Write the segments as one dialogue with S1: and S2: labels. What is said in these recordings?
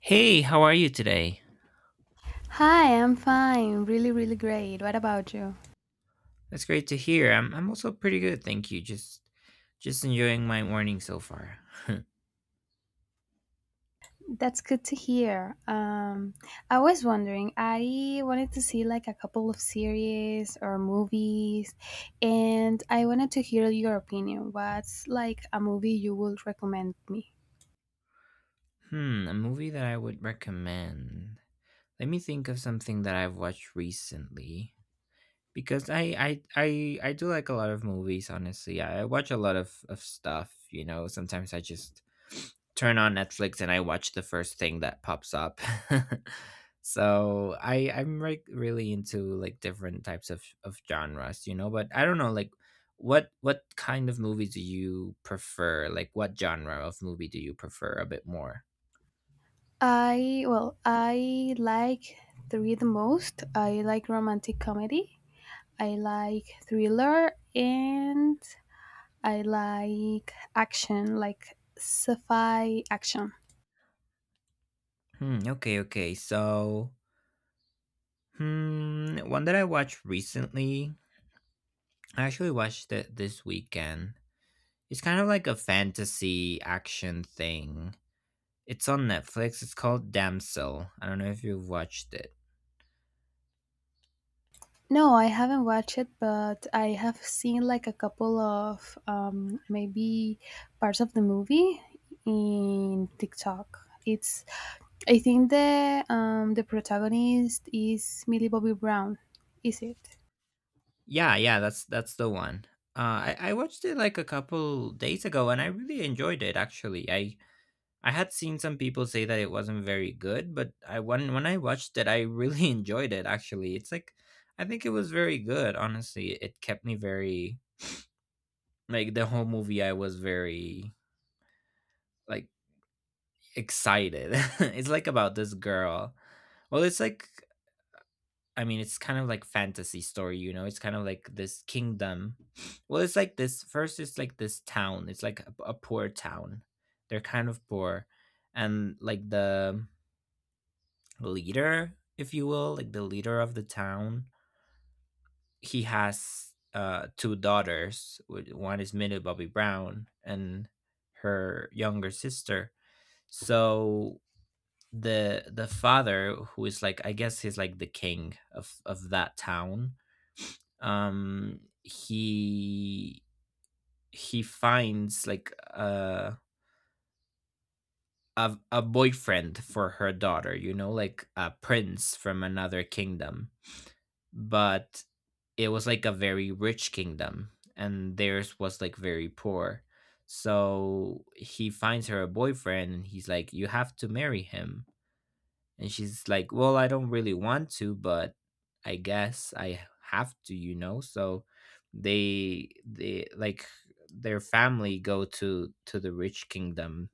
S1: Hey, how are you today?
S2: Hi, I'm fine. Really, really great. What about you?
S1: That's great to hear. I'm also pretty good, thank you. Just enjoying my morning so far.
S2: That's good to hear. I was wondering, I wanted to see like a couple of series or movies, and I wanted to hear your opinion. What's like a movie you would recommend me?
S1: Hmm, a movie that I would recommend. Let me think of something that I've watched recently, because I do like a lot of movies. Honestly, I watch a lot of stuff. You know, sometimes I just turn on Netflix and I watch the first thing that pops up. So I'm like really into like different types of genres, you know. But I don't know, like what kind of movie do you prefer? Like what genre of movie do you prefer a bit more?
S2: Well, I like three the most. I like romantic comedy, I like thriller, and I like action, like sci fi action.
S1: Hmm. Okay. Okay. So. Hmm, one that I watched recently. I actually watched it this weekend. It's kind of like a fantasy action thing. It's on Netflix. It's called Damsel. I don't know if you've watched it.
S2: No, I haven't watched it, but I have seen like a couple of maybe parts of the movie in TikTok. It's I think the protagonist is Millie Bobby Brown. Is it?
S1: Yeah, yeah, that's the one. I watched it like a couple days ago and I really enjoyed it, actually. I had seen some people say that it wasn't very good, but I when I watched it I really enjoyed it, actually. It's like I think it was very good, honestly. It kept me very, like the whole movie I was very, like, excited. It's like about this girl. Well, it's like, I mean, it's kind of like fantasy story, you know. It's kind of like this kingdom. Well, it's like this first. It's like this town. It's like a poor town. They're kind of poor, and like the leader, if you will, like the leader of the town, he has two daughters. One is Millie Bobby Brown, and her younger sister. So the father, who is like, I guess he's like the king of that town, um, he he finds like a boyfriend for her daughter, you know, like a prince from another kingdom. But it was like a very rich kingdom, and theirs was like very poor. So he finds her a boyfriend, and he's like, "You have to marry him." And she's like, well, I don't really want to, but I guess I have to, you know? So they like their family go to the rich kingdom,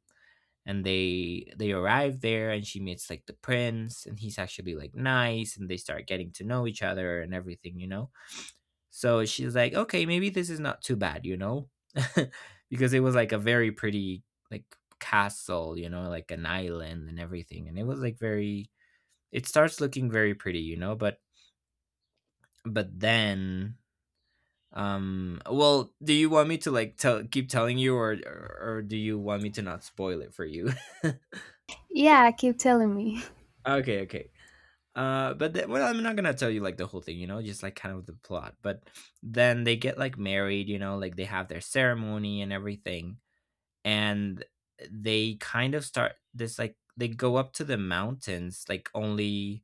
S1: and they arrive there and she meets like the prince and he's actually like nice and they start getting to know each other and everything, you know. So she's like, okay, maybe this is not too bad, you know. Because it was like a very pretty, like, castle, you know, like an island and everything, and it was like very, it starts looking very pretty, you know. But then, well, do you want me to like tell keep telling you, or or do you want me to not spoil it for you?
S2: Yeah, keep telling me.
S1: Okay, okay. But then, well, I'm not going to tell you like the whole thing, you know, just like kind of the plot. But then they get like married, you know, like they have their ceremony and everything. And they kind of start this, like they go up to the mountains like only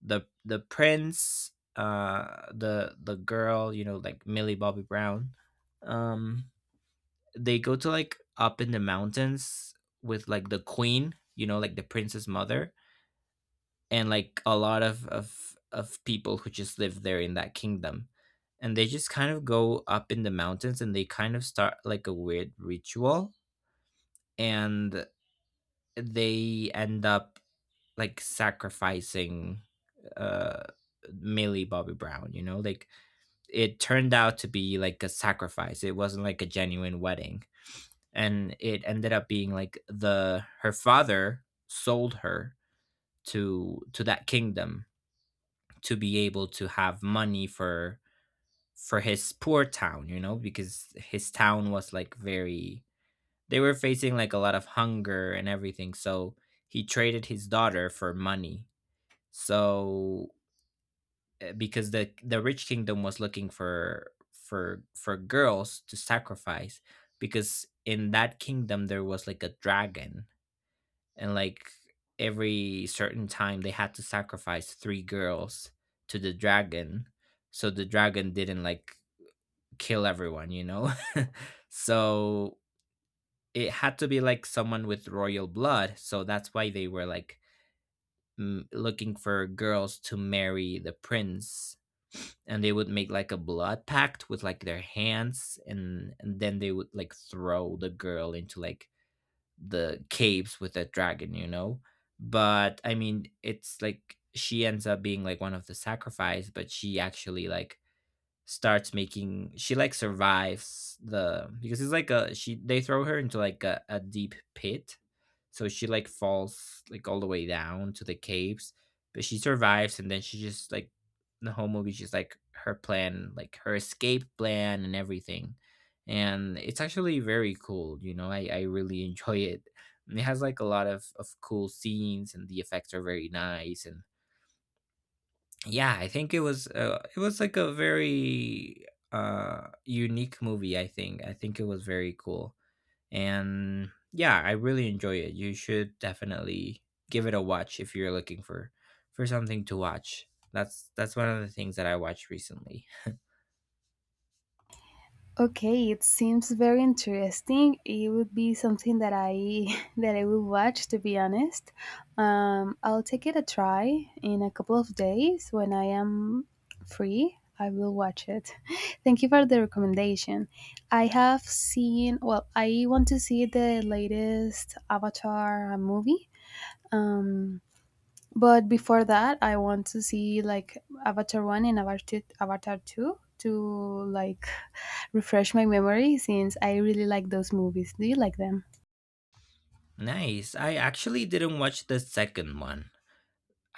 S1: the prince, the girl, you know, like Millie Bobby Brown. um they go to like up in the mountains with like the queen, you know, like the prince's mother, and like a lot of people who just live there in that kingdom. And they just kind of go up in the mountains and they kind of start like a weird ritual, and they end up like sacrificing uh Millie Bobby Brown, you know. Like it turned out to be like a sacrifice. It wasn't like a genuine wedding. And it ended up being like, the her father sold her to that kingdom to be able to have money for his poor town, you know, because his town was like very, they were facing like a lot of hunger and everything. So he traded his daughter for money. So, because the rich kingdom was looking for girls to sacrifice, because in that kingdom there was like a dragon, and like every certain time they had to sacrifice three girls to the dragon so the dragon didn't like kill everyone, you know. So it had to be like someone with royal blood, so that's why they were like looking for girls to marry the prince, and they would make like a blood pact with like their hands, and then they would like throw the girl into like the caves with a dragon, you know. But I mean, it's like she ends up being like one of the sacrifice, but she actually like starts making, she like survives the, because it's like a, she, they throw her into like a deep pit, so she like falls like all the way down to the caves, but she survives. And then she just like the whole movie she's like her plan, like her escape plan and everything, and it's actually very cool, you know. I really enjoy it. And it has like a lot of cool scenes and the effects are very nice. And yeah, I think it was like a very unique movie, I think. I think it was very cool. And yeah, I really enjoy it. You should definitely give it a watch if you're looking for something to watch. That's one of the things that I watched recently.
S2: Okay, it seems very interesting. It would be something that I that I will watch to be honest. I'll take it a try in a couple of days when I am free. I will watch it. Thank you for the recommendation. Well, I want to see the latest Avatar movie. Um, but before that, I want to see like Avatar 1 and Avatar 2 to like refresh my memory since I really like those movies. Do you like them?
S1: Nice. I actually didn't watch the second one.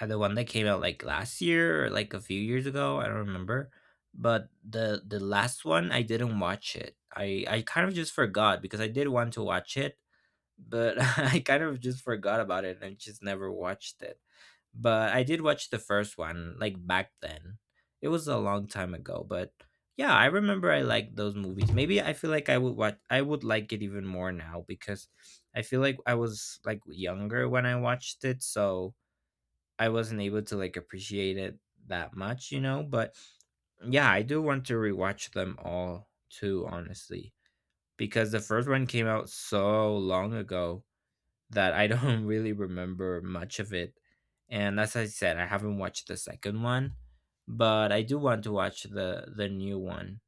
S1: The one that came out like last year or like a few years ago, I don't remember. But the last one I didn't watch it. I kind of just forgot, because I did want to watch it, but I kind of just forgot about it and just never watched it. But I did watch the first one like back then. It was a long time ago, but yeah, I remember I liked those movies. Maybe I feel like I would watch, I would like it even more now, because I feel like I was like younger when I watched it, so I wasn't able to like appreciate it that much, you know. But yeah, I do want to rewatch them all too, honestly, because the first one came out so long ago that I don't really remember much of it. And as I said, I haven't watched the second one, but I do want to watch the new one.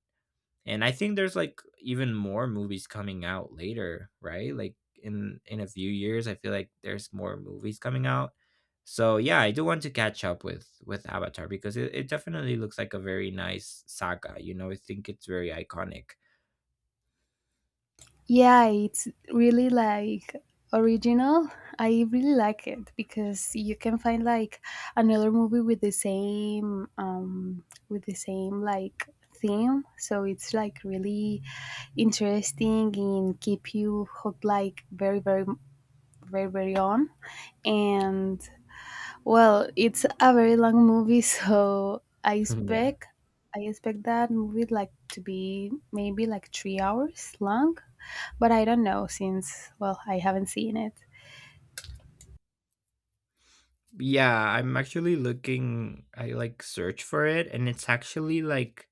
S1: And I think there's like even more movies coming out later, right? Like in a few years, I feel like there's more movies coming out. So yeah, I do want to catch up with Avatar, because it definitely looks like a very nice saga. You know, I think it's very iconic.
S2: Yeah, it's really like original. I really like it because you can find like another movie with the same like theme, so it's like really interesting and keep you hooked like very very very very on. And well, it's a very long movie. So i
S1: Yeah.
S2: expect i expect that movie like to be maybe like 3 hours long, but I don't know since, well, I haven't seen it.
S1: Yeah, I'm actually looking, I like search for it, and it's actually like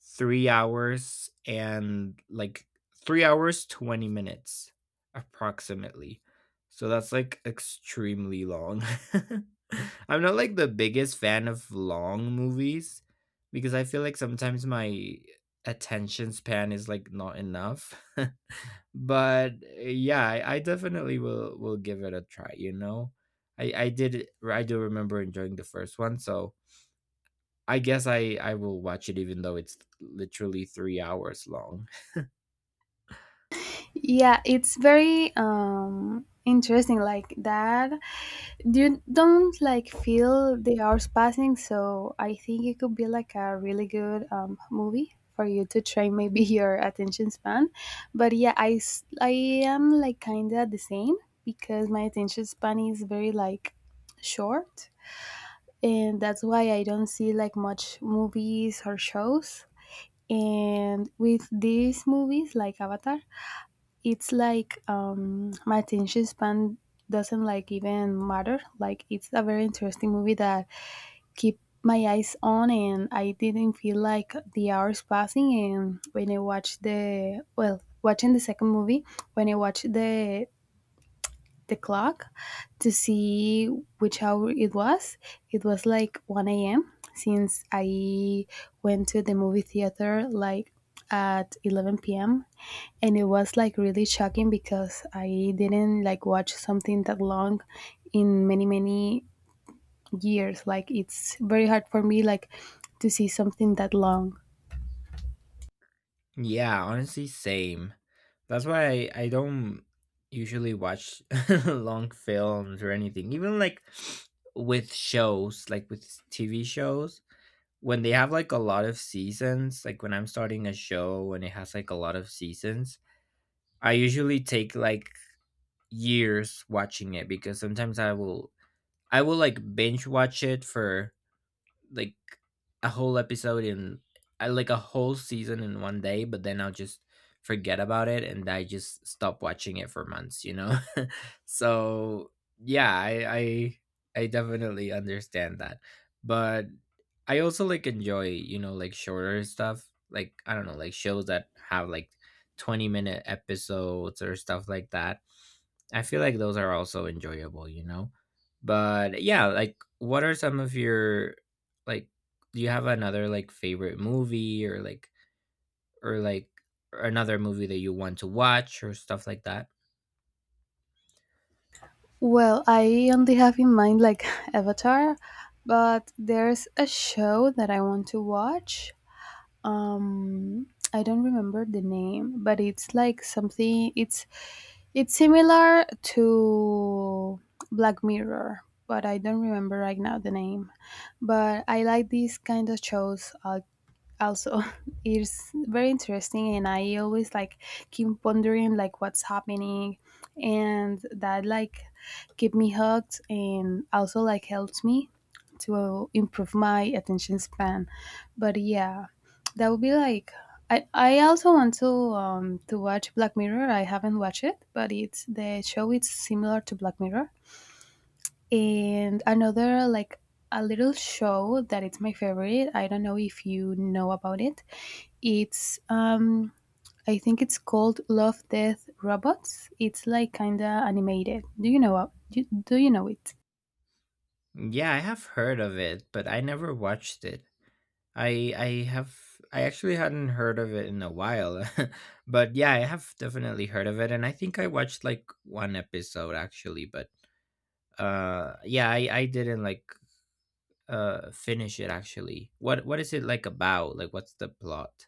S1: 3 hours and like 3 hours, 20 minutes approximately. So that's like extremely long. I'm not like the biggest fan of long movies because I feel like sometimes my attention span is like not enough. But yeah, I definitely will give it a try, you know. i i did I do remember enjoying the first one, so I guess I will watch it even though it's literally 3 hours long.
S2: Yeah, it's very interesting like that. You don't like feel the hours passing, so I think it could be like a really good movie for you to try maybe your attention span. But yeah, I am like kind of the same because my attention span is very like short, and that's why I don't see like much movies or shows. And with these movies like Avatar, it's like my attention span doesn't like even matter. Like, it's a very interesting movie that keep my eyes on, and I didn't feel like the hours passing. And when I watched the well, watching the second movie, when I watched the clock to see which hour it was. It was like 1 a.m. since I went to the movie theater like at 11 p.m., and it was like really shocking because I didn't like watch something that long in many many years. Like, it's very hard for me like to see something that long.
S1: Yeah, honestly, same. That's why I don't usually watch long films or anything, even like with shows, like with TV shows, when they have like a lot of seasons. Like when I'm starting a show and it has like a lot of seasons, I usually take like years watching it, because sometimes I will, like binge watch it for like a whole episode in, I like a whole season in one day, but then I'll just forget about it and I just stop watching it for months, you know? So yeah, I definitely understand that. But I also like enjoy, you know, like shorter stuff. Like I don't know, like shows that have like 20-minute episodes or stuff like that. I feel like those are also enjoyable, you know? But yeah, like what are some of your, like, do you have another like favorite movie or like or like another movie that you want to watch or stuff like that?
S2: Well, I only have in mind like Avatar, but there's a show that I want to watch. um I don't remember the name, but it's like something, it's similar to Black Mirror, but I don't remember right now the name. But I like these kind of shows, also. It's very interesting and I always like keep wondering like what's happening, and that like keep me hooked and also like helps me to improve my attention span. But yeah, that would be like, I also want to watch Black Mirror, I haven't watched it, but it's the show, it's similar to Black Mirror. And another like a little show that it's my favorite, I don't know if you know about it. It's I think it's called Love Death Robots. It's like kind of animated. Do you know it?
S1: Yeah, I have heard of it, but I never watched it. I have, I actually hadn't heard of it in a while. But yeah, I have definitely heard of it, and I think I watched like one episode actually. But yeah, I didn't like finish it actually. What is it like about, like what's the plot?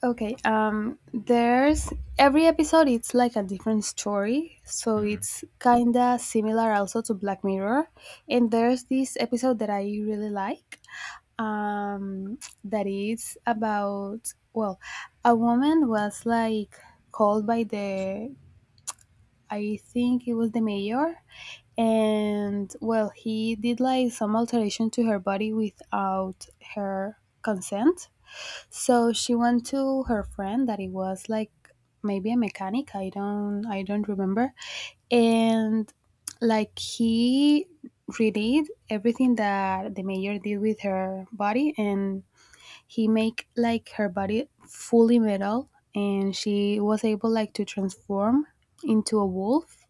S2: Okay, there's every episode it's like a different story, so
S1: Mm.
S2: it's kind of similar also to Black Mirror. And there's this episode that I really like. Um that is about, well, a woman was like called by the I think it was the mayor, and well, he did like some alteration to her body without her consent. So she went to her friend that it was like maybe a mechanic. I don't remember, and like he redid everything that the mayor did with her body, and he make like her body fully metal and she was able like to transform into a wolf.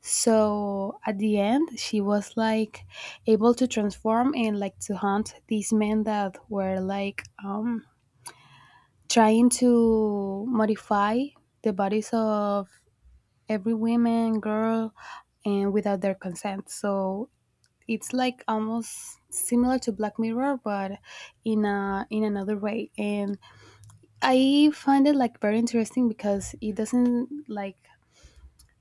S2: So at the end, she was like able to transform and like to hunt these men that were like trying to modify the bodies of every woman, girl, and without their consent. So it's like almost similar to Black Mirror, but in a in another way. And I find it like very interesting because it doesn't like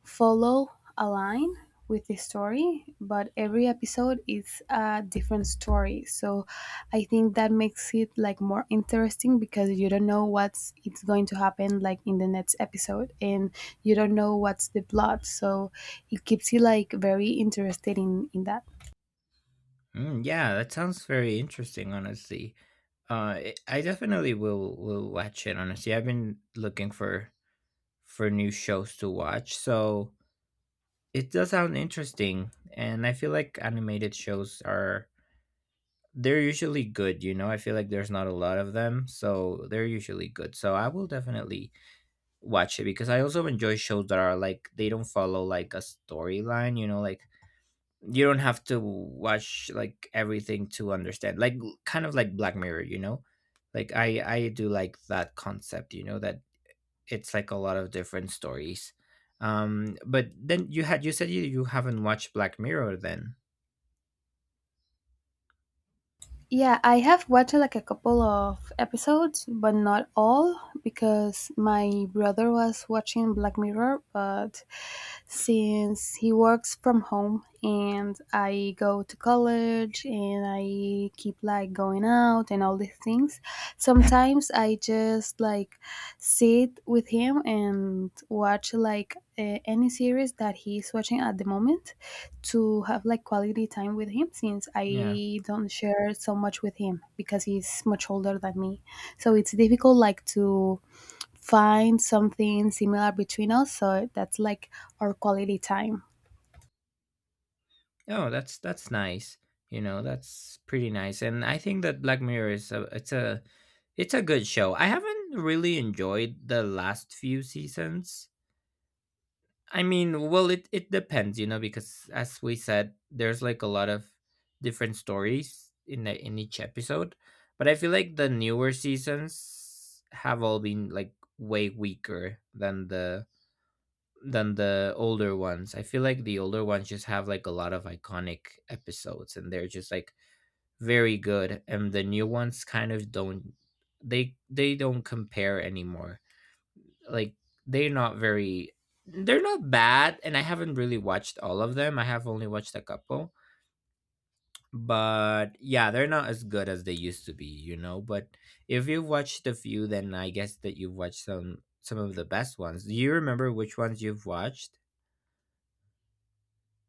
S2: follow a line with the story, but every episode is a different story. So I think that makes it like more interesting because you don't know what's it's going to happen like in the next episode, and you don't know what's the plot. So it keeps you like very interested in that.
S1: Mm, yeah, that sounds very interesting honestly. I definitely will watch it honestly. I've been looking for new shows to watch, so it does sound interesting. And I feel like animated shows are, they're usually good, you know. I feel like there's not a lot of them, so they're usually good, so I will definitely watch it because I also enjoy shows that are like, they don't follow like a storyline, you know, like you don't have to watch like everything to understand. Like kind of like Black Mirror, you know, like I do like that concept, you know, that it's like a lot of different stories. But then you said you haven't watched Black Mirror then.
S2: Yeah, I have watched like a couple of episodes, but not all because my brother was watching Black Mirror, but since he works from home and I go to college and I keep like going out and all these things, sometimes I just like sit with him and watch like any series that he's watching at the moment to have like quality time with him since
S1: Yeah.
S2: I don't share so much with him because he's much older than me. So it's difficult like to find something similar between us. So that's like our quality time.
S1: Oh, that's nice, you know, that's pretty nice. And I think that Black Mirror is a it's a, it's a good show. I haven't really enjoyed the last few seasons. I mean, well, it depends, you know, because as we said, there's like a lot of different stories in in each episode, but I feel like the newer seasons have all been like way weaker than the, than the older ones. I feel like the older ones just have like a lot of iconic episodes and they're just like very good, and the new ones kind of don't, they don't compare anymore. Like they're not very, they're not bad, and I haven't really watched all of them. I have only watched a couple. But yeah, they're not as good as they used to be, you know. But if you've watched a few, then I guess that you've watched some of the best ones. Do you remember which ones you've watched?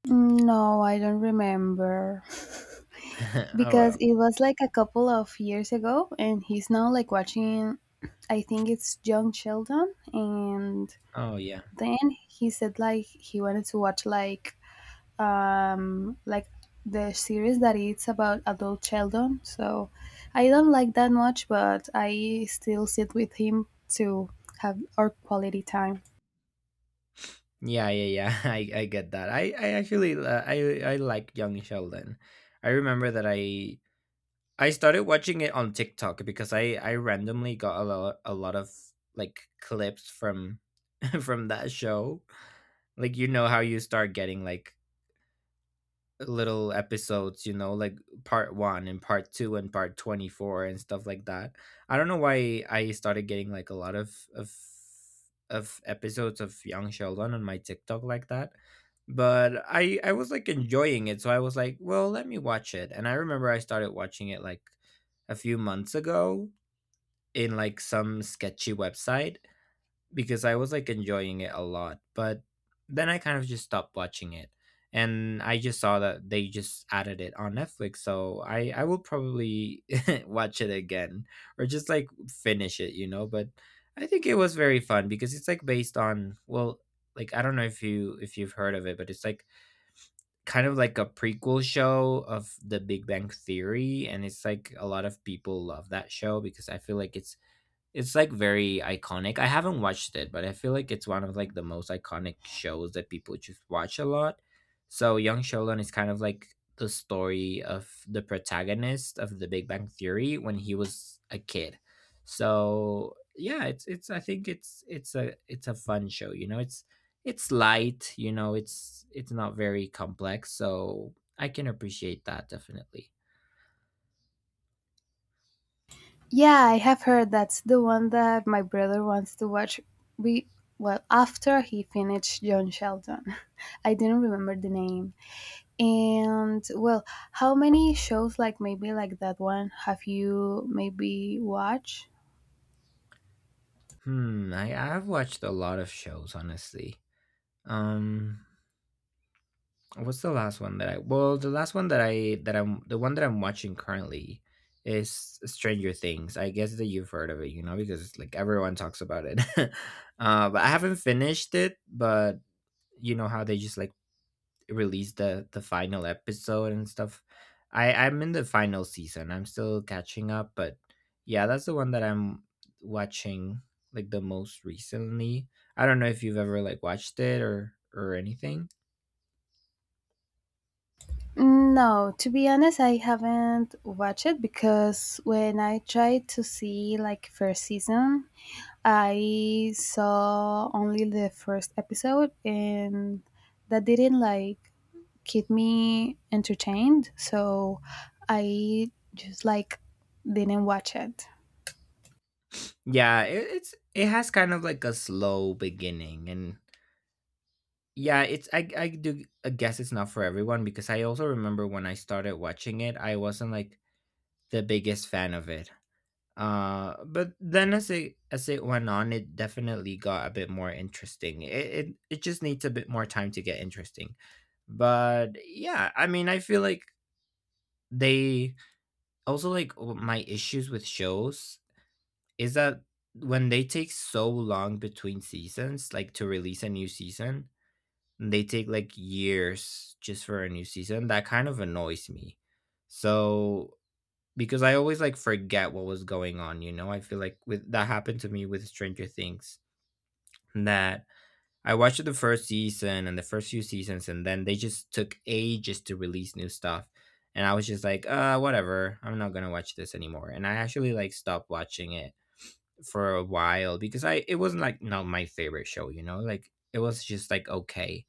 S2: Mm, no, I don't remember.
S1: Oh
S2: Because
S1: well.
S2: it was like a couple of years ago and he's now like watching, I think it's Young Sheldon. And
S1: Oh yeah.
S2: then he said like he wanted to watch like, like the series that it's about adult children. So I don't like that much, but I still sit with him to have our quality time.
S1: Yeah, yeah, yeah. I get that. I actually I like Young Sheldon. I remember that I started watching it on TikTok because I randomly got a lot of like clips from from that show. Like you know how you start getting like little episodes, you know, like part one and part two and part 24 and stuff like that. I don't know why I started getting like a lot of episodes of Young Sheldon on my TikTok like that. But I was like enjoying it, so I was like, well, let me watch it. And I remember I started watching it like a few months ago in like some sketchy website because I was like enjoying it a lot, but then I kind of just stopped watching it. And I just saw that they just added it on Netflix, so I will probably watch it again or just like finish it, you know. But I think it was very fun because it's like based on, well, like I don't know if you if you've heard of it, but it's like kind of like a prequel show of The Big Bang Theory, and it's like a lot of people love that show because I feel like it's like very iconic. I haven't watched it, but I feel like it's one of like the most iconic shows that people just watch a lot. So Young Sheldon is kind of like the story of the protagonist of The Big Bang Theory when he was a kid. So yeah, it's I think it's a, it's a fun show. You know, it's light. You know, it's not very complex, so I can appreciate that definitely.
S2: Yeah, I have heard that's the one that my brother wants to watch. We well after he finished John Sheldon. I didn't remember the name. And well, how many shows like maybe like that one have you maybe watched?
S1: Hmm, I've watched a lot of shows, honestly. Um, what's the last one that I? Well, the last one that I that I'm the one that I'm watching currently is Stranger Things. I guess that you've heard of it, you know, because it's like everyone talks about it. But I haven't finished it, but you know how they just like release the final episode and stuff. I'm in the final season. I'm still catching up, but yeah, that's the one that I'm watching like the most recently. I don't know if you've ever like watched it or anything.
S2: Mm, no, to be honest, I haven't watched it because when I tried to see like first season, I saw only the first episode and that didn't like keep me entertained, so I just like didn't watch it.
S1: Yeah, it's, it has kind of like a slow beginning, and yeah, it's, I do, I guess it's not for everyone, because I also remember when I started watching it, I wasn't like the biggest fan of it. But then as it went on, it definitely got a bit more interesting. It just needs a bit more time to get interesting. But yeah, I mean, I feel like they also like my issues with shows is that when they take so long between seasons, like to release a new season, they take like years just for a new season. That kind of annoys me. So because I always, like, forget what was going on, you know? I feel like with, that happened to me with Stranger Things, that I watched the first season and the first few seasons, and then they just took ages to release new stuff. And I was just like, whatever. I'm not gonna watch this anymore." And I actually, like, stopped watching it for a while because I, it wasn't, like, not my favorite show, you know? Like, it was just, like, okay.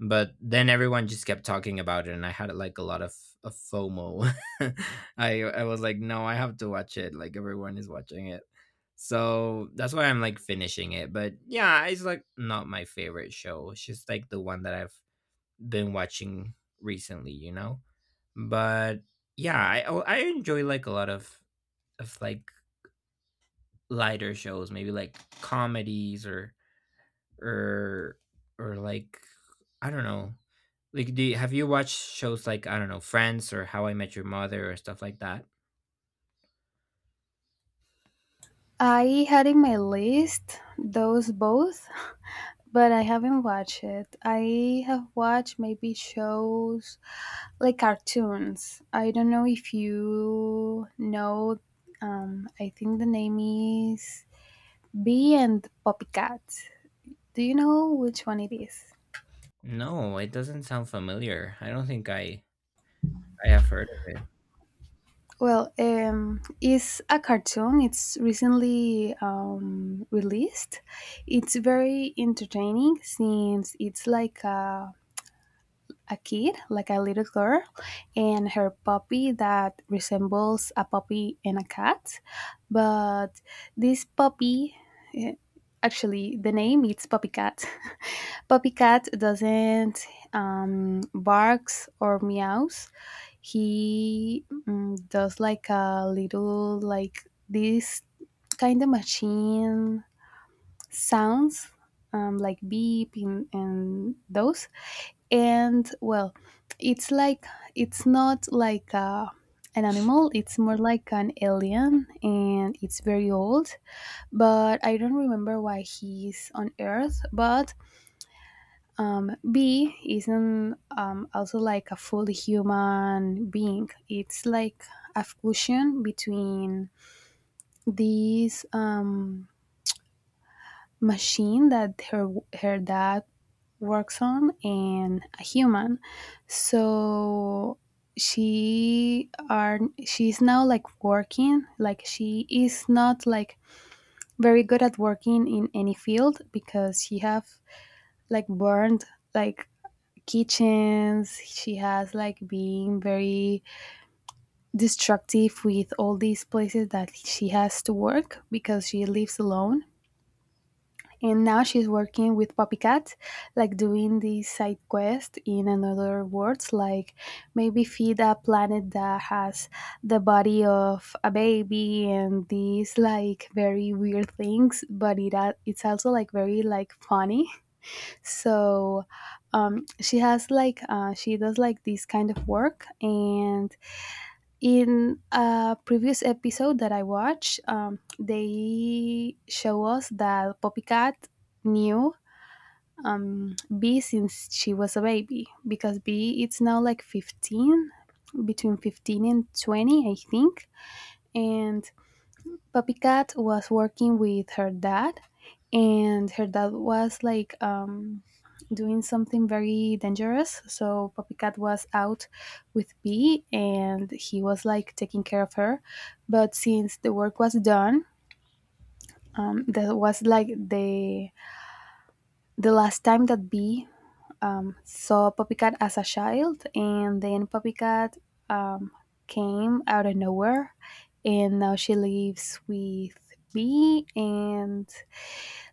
S1: But then everyone just kept talking about it, and I had like a lot of FOMO. I was like, no, I have to watch it, like everyone is watching it, so that's why I'm like finishing it. But yeah, it's like not my favorite show, it's just like the one that I've been watching recently, you know. But yeah, I enjoy like a lot of like lighter shows, maybe like comedies or or like, I don't know. Like, do have you watched shows like, I don't know, Friends or How I Met Your Mother or stuff like that?
S2: I had in my list those both, but I haven't watched it. I have watched maybe shows like cartoons. I don't know if you know, I think the name is Bee and Poppycat. Do you know which one it is?
S1: No, it doesn't sound familiar. I don't think I have heard of it.
S2: Well, it's a cartoon. It's recently released. It's very entertaining since it's like a kid, like a little girl, and her puppy that resembles a puppy and a cat. But this puppy, eh, actually, the name it's Puppy Cat. Puppy Cat doesn't barks or meows. He does like a little like this kind of machine sounds, like beep, and those. And well, it's like it's not like an animal, it's more like an alien and it's very old, but I don't remember why he's on earth. But B isn't also like a fully human being, it's like a fusion between this machine that her dad works on, and a human. So she are she's now like working, like she is not like very good at working in any field because she have like burned like kitchens, she has like being very destructive with all these places that she has to work because she lives alone. And now she's working with Poppycat, like doing these side quest in another words, like maybe feed a planet that has the body of a baby and these like very weird things, but it's also like very like funny. So she does like this kind of work, and in a previous episode that I watched, they show us that Poppycat knew B since she was a baby because B it's now like 15, between 15 and 20, I think. And Puppy Cat was working with her dad, and her dad was like doing something very dangerous. So Puppy Cat was out with B, and he was like taking care of her. But since the work was done, that was like the last time that B saw Poppycat as a child, and then Poppycat um, came out of nowhere, and now she lives with me and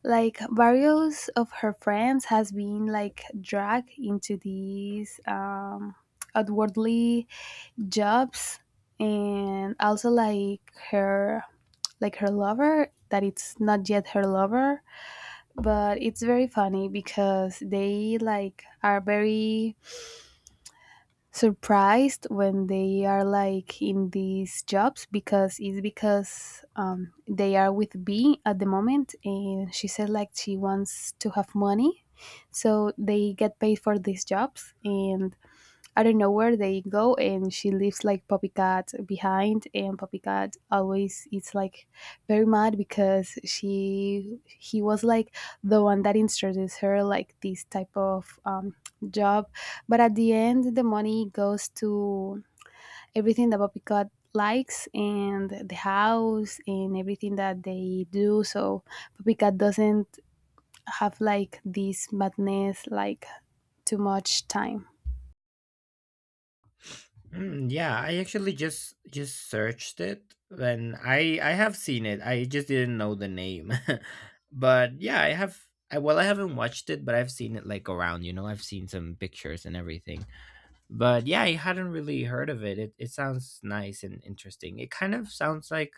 S2: like various of her friends has been like dragged into these outwardly jobs, and also like her lover that it's not yet her lover, but it's very funny because they like are very surprised when they are like in these jobs because it's because they are with B at the moment and she said like she wants to have money, so they get paid for these jobs. And I don't know where they go, and she leaves like Poppycat behind, and Poppycat always is like very mad because she he was like the one that introduced her like this type of job, but at the end the money goes to everything that Poppycat likes and the house and everything that they do. So Poppycat doesn't have like this madness like too much time.
S1: Mm, yeah, I actually just searched it, and I have seen it. I just didn't know the name. But yeah, I have, I well I haven't watched it, but I've seen it like around, you know. I've seen some pictures and everything. But yeah, I hadn't really heard of it. It sounds nice and interesting. It kind of sounds like,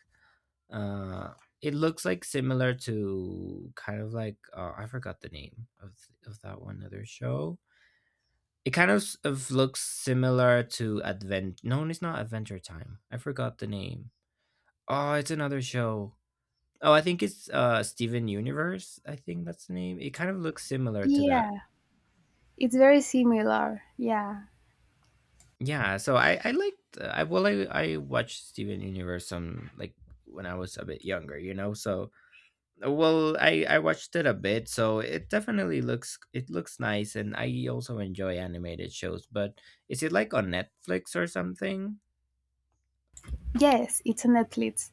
S1: uh, it looks like similar to kind of like, I forgot the name of that one other show. It kind of, of looks similar to Advent. No, it's not Adventure Time. I forgot the name. Oh, it's another show. Oh, I think it's uh, Steven Universe. I think that's the name. It kind of looks similar to that.
S2: Yeah, it's very similar. Yeah.
S1: Yeah. So I liked, I well I watched Steven Universe some, like when I was a bit younger, you know. So well, I watched it a bit, so it definitely looks, it looks nice, and I also enjoy animated shows. But is it like on Netflix or something?
S2: Yes, it's on Netflix.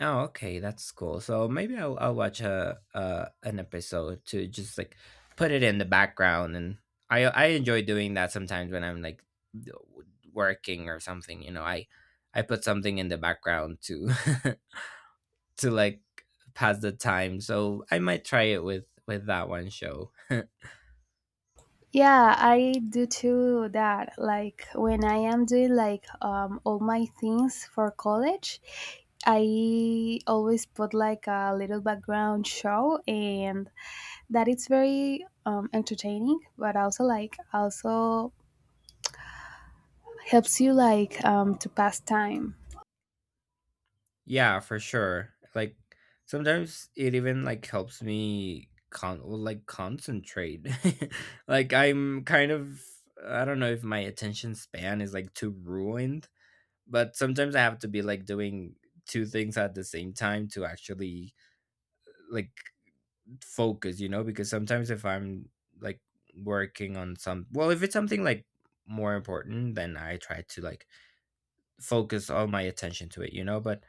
S1: Oh, okay, that's cool. So maybe I'll watch a uh, an episode to just like put it in the background, and I enjoy doing that sometimes when I'm like w- working or something. You know, I put something in the background to to like pass the time. So I might try it with that one show.
S2: Yeah, I do too that. Like when I am doing like all my things for college, I always put like a little background show, and that it's very entertaining, but also like also helps you like to pass time.
S1: Yeah, for sure. Like sometimes it even like helps me con, well, like concentrate. Like I'm kind of, I don't know if my attention span is like too ruined, but sometimes I have to be like doing two things at the same time to actually like focus, you know, because sometimes if I'm like working on some, well, if it's something like more important, then I try to like focus all my attention to it, you know, but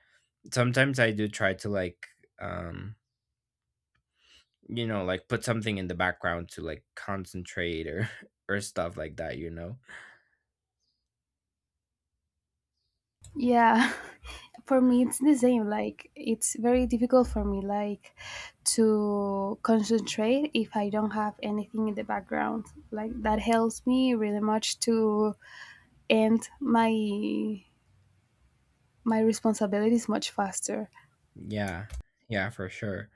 S1: sometimes I do try to like, um, you know, like put something in the background to like concentrate or or stuff like that, you know.
S2: Yeah, for me it's the same. Like, it's very difficult for me like to concentrate if I don't have anything in the background. Like that helps me really much to end my responsibilities much faster.
S1: Yeah, yeah, for sure.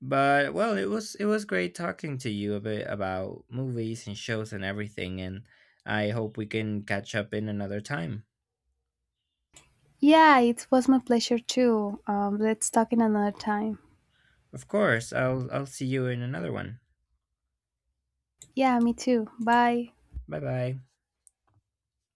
S1: But well, it was great talking to you a bit about movies and shows and everything, and I hope we can catch up in another time.
S2: Yeah, it was my pleasure too. Let's talk in another time.
S1: Of course, I'll see you in another one.
S2: Yeah, me too. Bye.
S1: Bye bye.